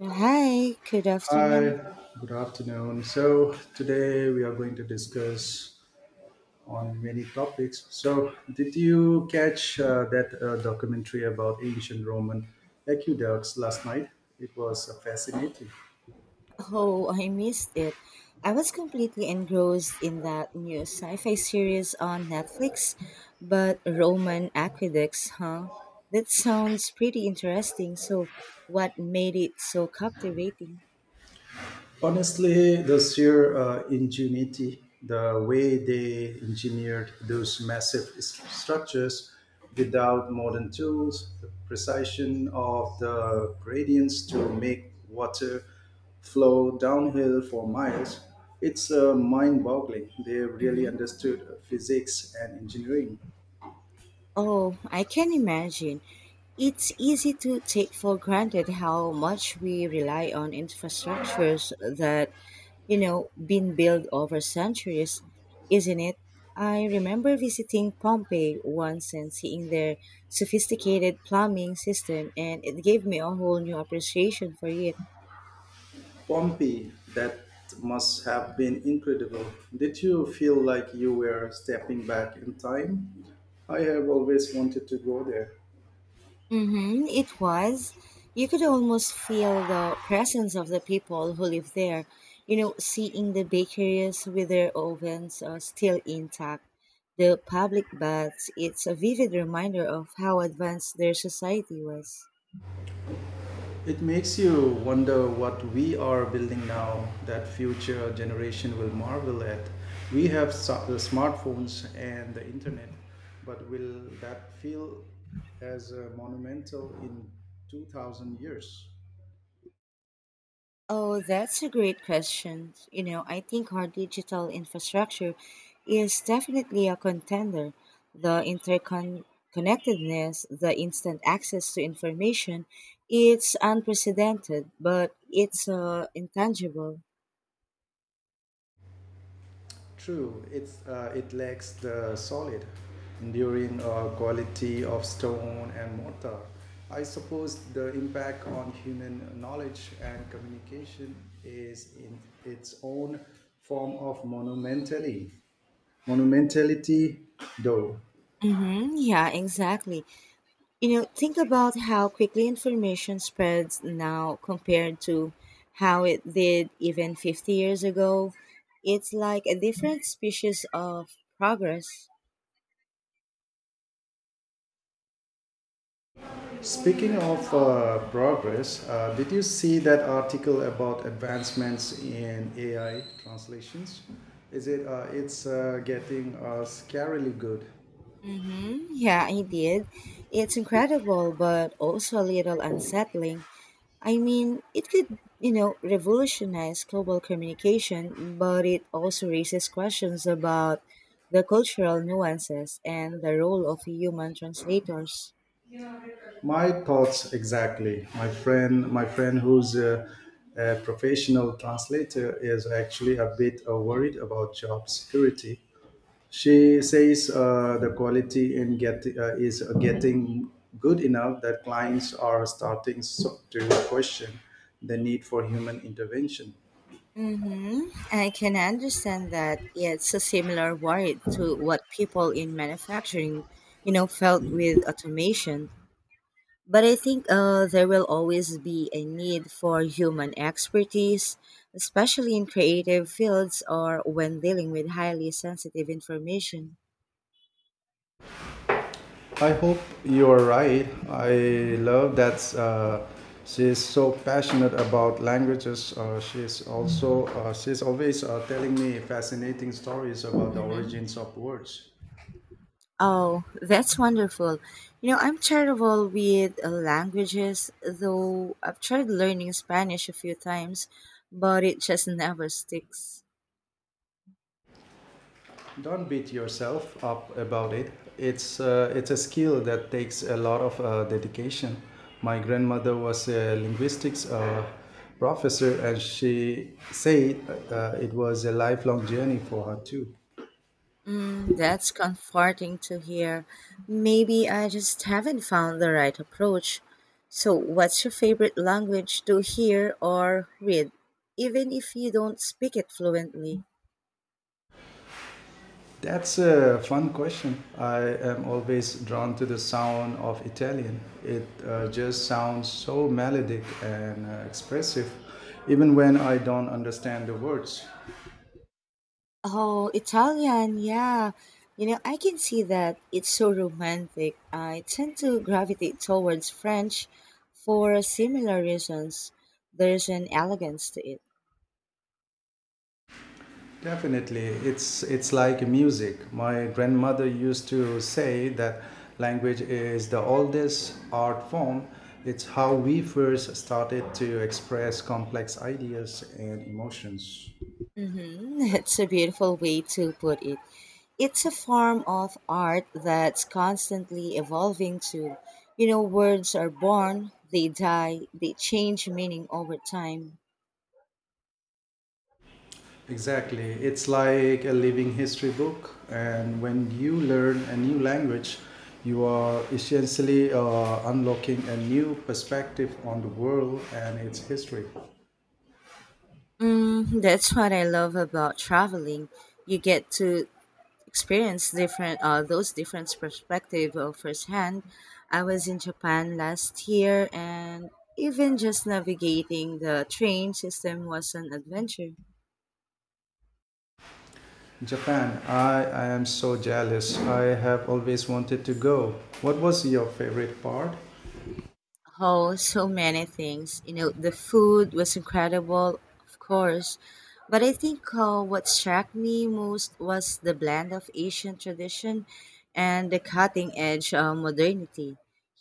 Hi, good afternoon. Hi, good afternoon. So today we are going to discuss on many topics. So did you catch that documentary about ancient Roman aqueducts last night? It was fascinating. Oh, I missed it. I was completely engrossed in that new sci fi series on Netflix, but Roman aqueducts, huh? That sounds pretty interesting. So, what made it so captivating? Honestly, the sheer ingenuity, the way they engineered those massive structures without modern tools, the precision of the gradients to make water flow downhill for miles, it's mind boggling. They really Mhm. understood physics and engineering. Oh, I can imagine. It's easy to take for granted how much we rely on infrastructures that, you know, been built over centuries, isn't it? I remember visiting Pompeii once and seeing their sophisticated plumbing system, and it gave me a whole new appreciation for it. Pompey, that must have been incredible. Did you feel like you were stepping back in time? I have always wanted to go there. Mm-hmm, it was. You could almost feel the presence of the people who live there. You know, seeing the bakeries with their ovens are still intact, the public baths, it's a vivid reminder of how advanced their society was. It makes you wonder what we are building now that future generation will marvel at. We have the smartphones and the internet, but will that feel as monumental in 2000 years? Oh, that's a great question. You know, I think our digital infrastructure is definitely a contender. The interconnectedness, the instant access to information, it's unprecedented, but it's intangible. True, it lacks the solid, enduring quality of stone and mortar. I suppose the impact on human knowledge and communication is in its own form of monumentally monumentality, though. Mm-hmm. Yeah, exactly. You know, think about how quickly information spreads now compared to how it did even 50 years ago. It's like a different species of progress. Speaking of progress, did you see that article about advancements in AI translations? Is it? It's getting scarily good. Mm-hmm. Yeah, I did. It's incredible, but also a little unsettling. I mean, it could, you know, revolutionize global communication, but it also raises questions about the cultural nuances and the role of human translators. My thoughts exactly. My friend who's a professional translator is actually a bit worried about job security. She says the quality in get is getting good enough that clients are starting to question the need for human intervention. Mm-hmm. I can understand that it's a similar worry to what people in manufacturing, you know, felt with automation. But I think there will always be a need for human expertise, especially in creative fields or when dealing with highly sensitive information. I hope you're right. I love that she's so passionate about languages. She's also she's always telling me fascinating stories about the Hmm. origins of words. Oh, that's wonderful. You know, I'm terrible with languages, though I've tried learning Spanish a few times, but it just never sticks. Don't beat yourself up about it. It's a skill that takes a lot of dedication. My grandmother was a linguistics professor, and she said it was a lifelong journey for her too. Mm, that's comforting to hear. Maybe I just haven't found the right approach. So, what's your favorite language to hear or read, even if you don't speak it fluently? That's a fun question. I am always drawn to the sound of Italian. It just sounds so melodic and expressive, even when I don't understand the words. Oh, Italian, yeah. You know, I can see that it's so romantic. I tend to gravitate towards French for similar reasons. There's an elegance to it. Definitely, it's like music. My grandmother used to say that language is the oldest art form. It's how we first started to express complex ideas and emotions. Mm-hmm. It's a beautiful way to put it. It's a form of art that's constantly evolving too. You know, words are born, they die, they change meaning over time. Exactly. It's like a living history book, and when you learn a new language, you are essentially unlocking a new perspective on the world and its history. Mm, that's what I love about traveling. You get to experience different those different perspective firsthand. I was in Japan last year, and even just navigating the train system was an adventure. Japan, I am so jealous. I have always wanted to go. What was your favorite part? Oh, so many things. You know, the food was incredible, of course, but I think what struck me most was the blend of Asian tradition and the cutting edge modernity.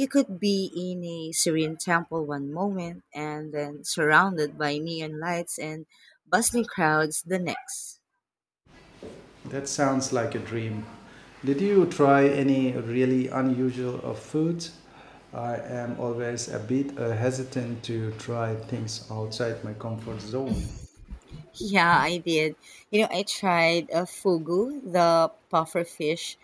You could be in a serene temple one moment and then surrounded by neon lights and bustling crowds the next. That sounds like a dream. Did you try any really unusual of foods? I am always a bit hesitant to try things outside my comfort zone. Yeah, I did. You know, I tried a fugu, the puffer fish.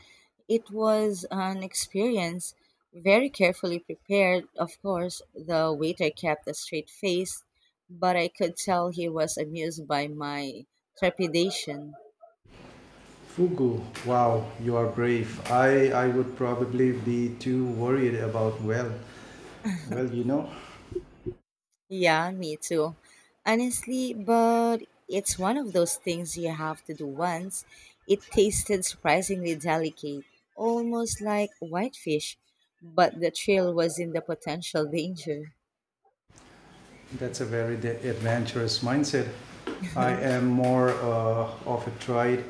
It was an experience, very carefully prepared. Of course, the waiter kept a straight face, but I could tell he was amused by my trepidation. Fugu, wow, you are brave. I would probably be too worried about, well, well, you know. Yeah, me too. Honestly, but it's one of those things you have to do once. It tasted surprisingly delicate, almost like whitefish, but the thrill was in the potential danger. That's a very adventurous mindset. I am more of a tried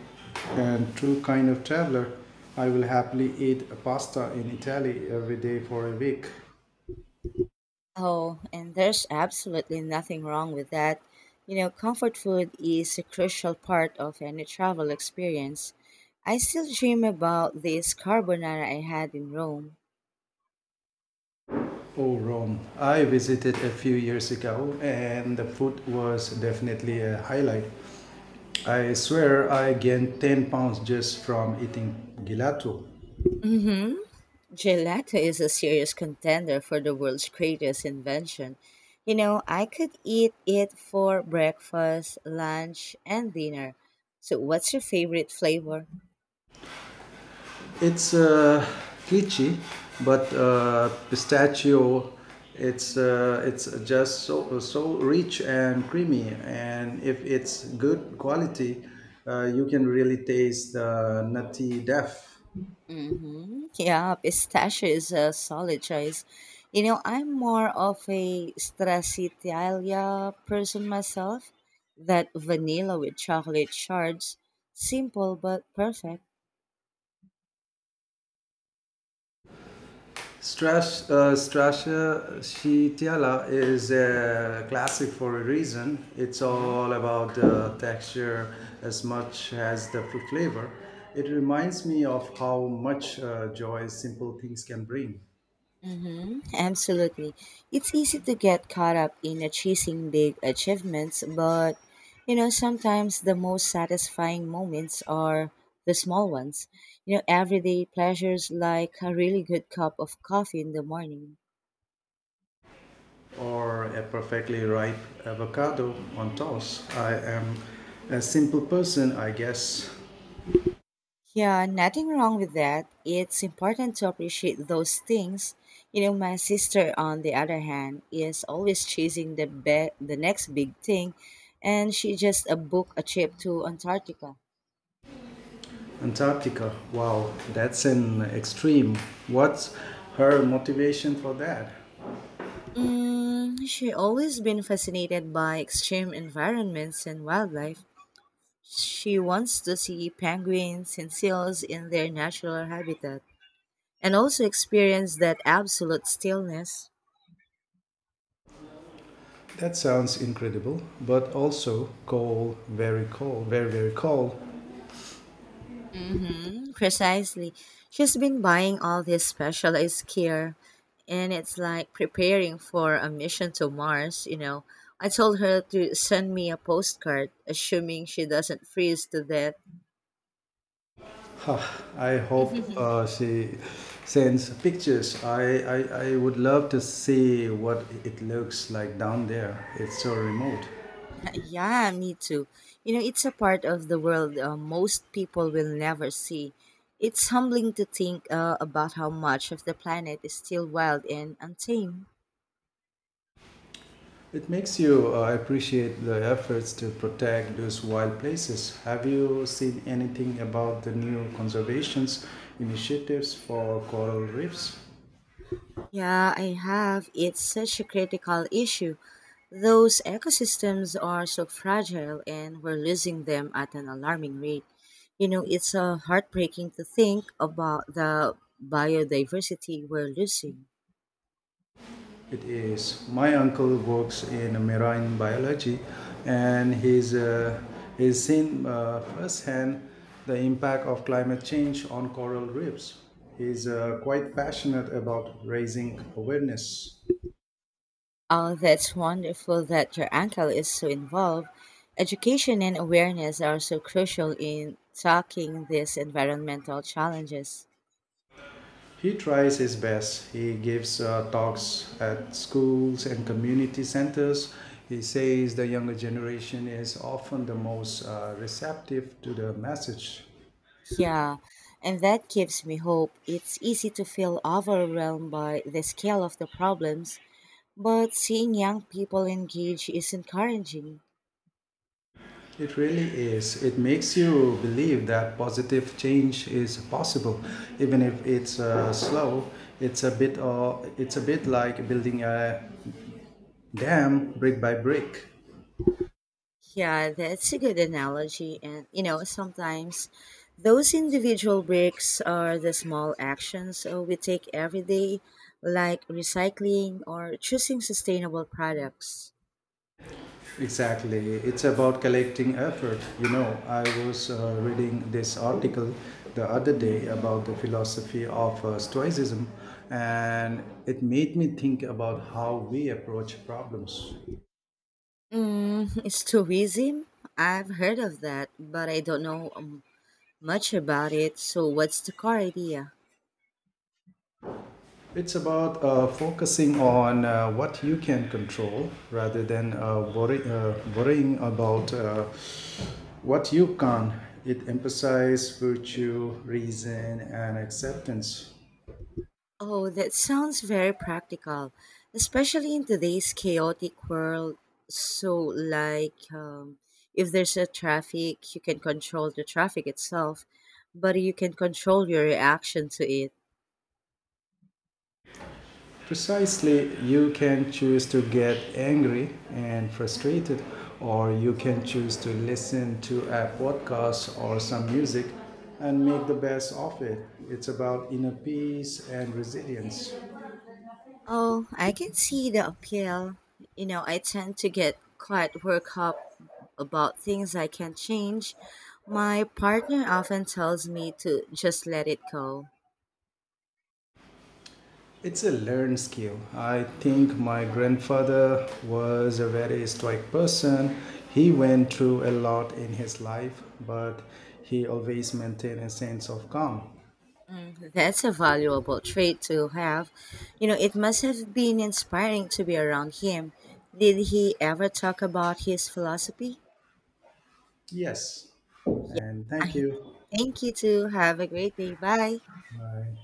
and true kind of traveler. I will happily eat pasta in Italy every day for a week. Oh, and there's absolutely nothing wrong with that. You know, comfort food is a crucial part of any travel experience. I still dream about this carbonara I had in Rome. Oh, Rome. I visited a few years ago and the food was definitely a highlight. I swear I gained 10 pounds just from eating gelato. Mm hmm. Gelato is a serious contender for the world's greatest invention. You know, I could eat it for breakfast, lunch, and dinner. So, what's your favorite flavor? It's glitchy, but pistachio. It's just so rich and creamy, and if it's good quality, you can really taste the nutty depth. Mm-hmm. Yeah, pistachio is a solid choice. You know, I'm more of a stracciatella person myself. That vanilla with chocolate shards, simple but perfect. Strasha Shitiala is a classic for a reason. It's Uh-huh. all about the texture as much as the fruit flavor. It reminds me of how much joy simple things can bring. Mm-hmm, absolutely. It's easy to get caught up in chasing big achievements, but you know, sometimes the most satisfying moments are the small ones. You know, everyday pleasures like a really good cup of coffee in the morning. Or a perfectly ripe avocado on toast. I am a simple person, I guess. Yeah, nothing wrong with that. It's important to appreciate those things. You know, my sister, on the other hand, is always chasing the next big thing, and she just booked a trip to Antarctica. Antarctica, wow, that's an extreme. What's her motivation for that? Mm, she always been fascinated by extreme environments and wildlife. She wants to see penguins and seals in their natural habitat and also experience that absolute stillness. That sounds incredible, but also cold, very, very cold. Mm-hmm, precisely. She's been buying all this specialized gear and it's like preparing for a mission to Mars, you know. I told her to send me a postcard, assuming she doesn't freeze to death. Huh, I hope she sends pictures. I would love to see what it looks like down there. It's so remote. Yeah, me too. You know, it's a part of the world most people will never see. It's humbling to think about how much of the planet is still wild and untamed. It makes you appreciate the efforts to protect those wild places. Have you seen anything about the new conservations initiatives for coral reefs? Yeah, I have. It's such a critical issue. Those ecosystems are so fragile and we're losing them at an alarming rate. You know, it's heartbreaking to think about the biodiversity we're losing. It is. My uncle works in marine biology, and he's seen firsthand the impact of climate change on coral reefs. He's quite passionate about raising awareness. Oh, that's wonderful that your uncle is so involved. Education and awareness are so crucial in tackling these environmental challenges. He tries his best. He gives talks at schools and community centers. He says the younger generation is often the most receptive to the message. Yeah, and that gives me hope. It's easy to feel overwhelmed by the scale of the problems, but seeing young people engage is encouraging. It really is. It makes you believe that positive change is possible, even if it's slow. It's a bit like building a dam brick by brick. Yeah, that's a good analogy. And, you know, sometimes those individual breaks are the small actions we take every day, like recycling or choosing sustainable products. Exactly. It's about collecting effort. You know, I was reading this article the other day about the philosophy of Stoicism, and it made me think about how we approach problems. Mm, tourism? I've heard of that, but I don't know much about it. So, what's the core idea? It's about focusing on what you can control rather than worrying about what you can't. It emphasizes virtue, reason, and acceptance. Oh, that sounds very practical, especially in today's chaotic world. So, like, if there's a traffic, you can control the traffic itself, but you can control your reaction to it. Precisely, you can choose to get angry and frustrated, or you can choose to listen to a podcast or some music and make the best of it. It's about inner peace and resilience. Oh, I can see the appeal. You know, I tend to get quite worked up about things I can't change. My partner often tells me to just let it go. It's a learned skill. I think my grandfather was a very stoic person. He went through a lot in his life, but he always maintained a sense of calm. Mm, that's a valuable trait to have. You know, it must have been inspiring to be around him. Did he ever talk about his philosophy? Yes. And I thank you. thank you too. Have a great day. Bye. Bye.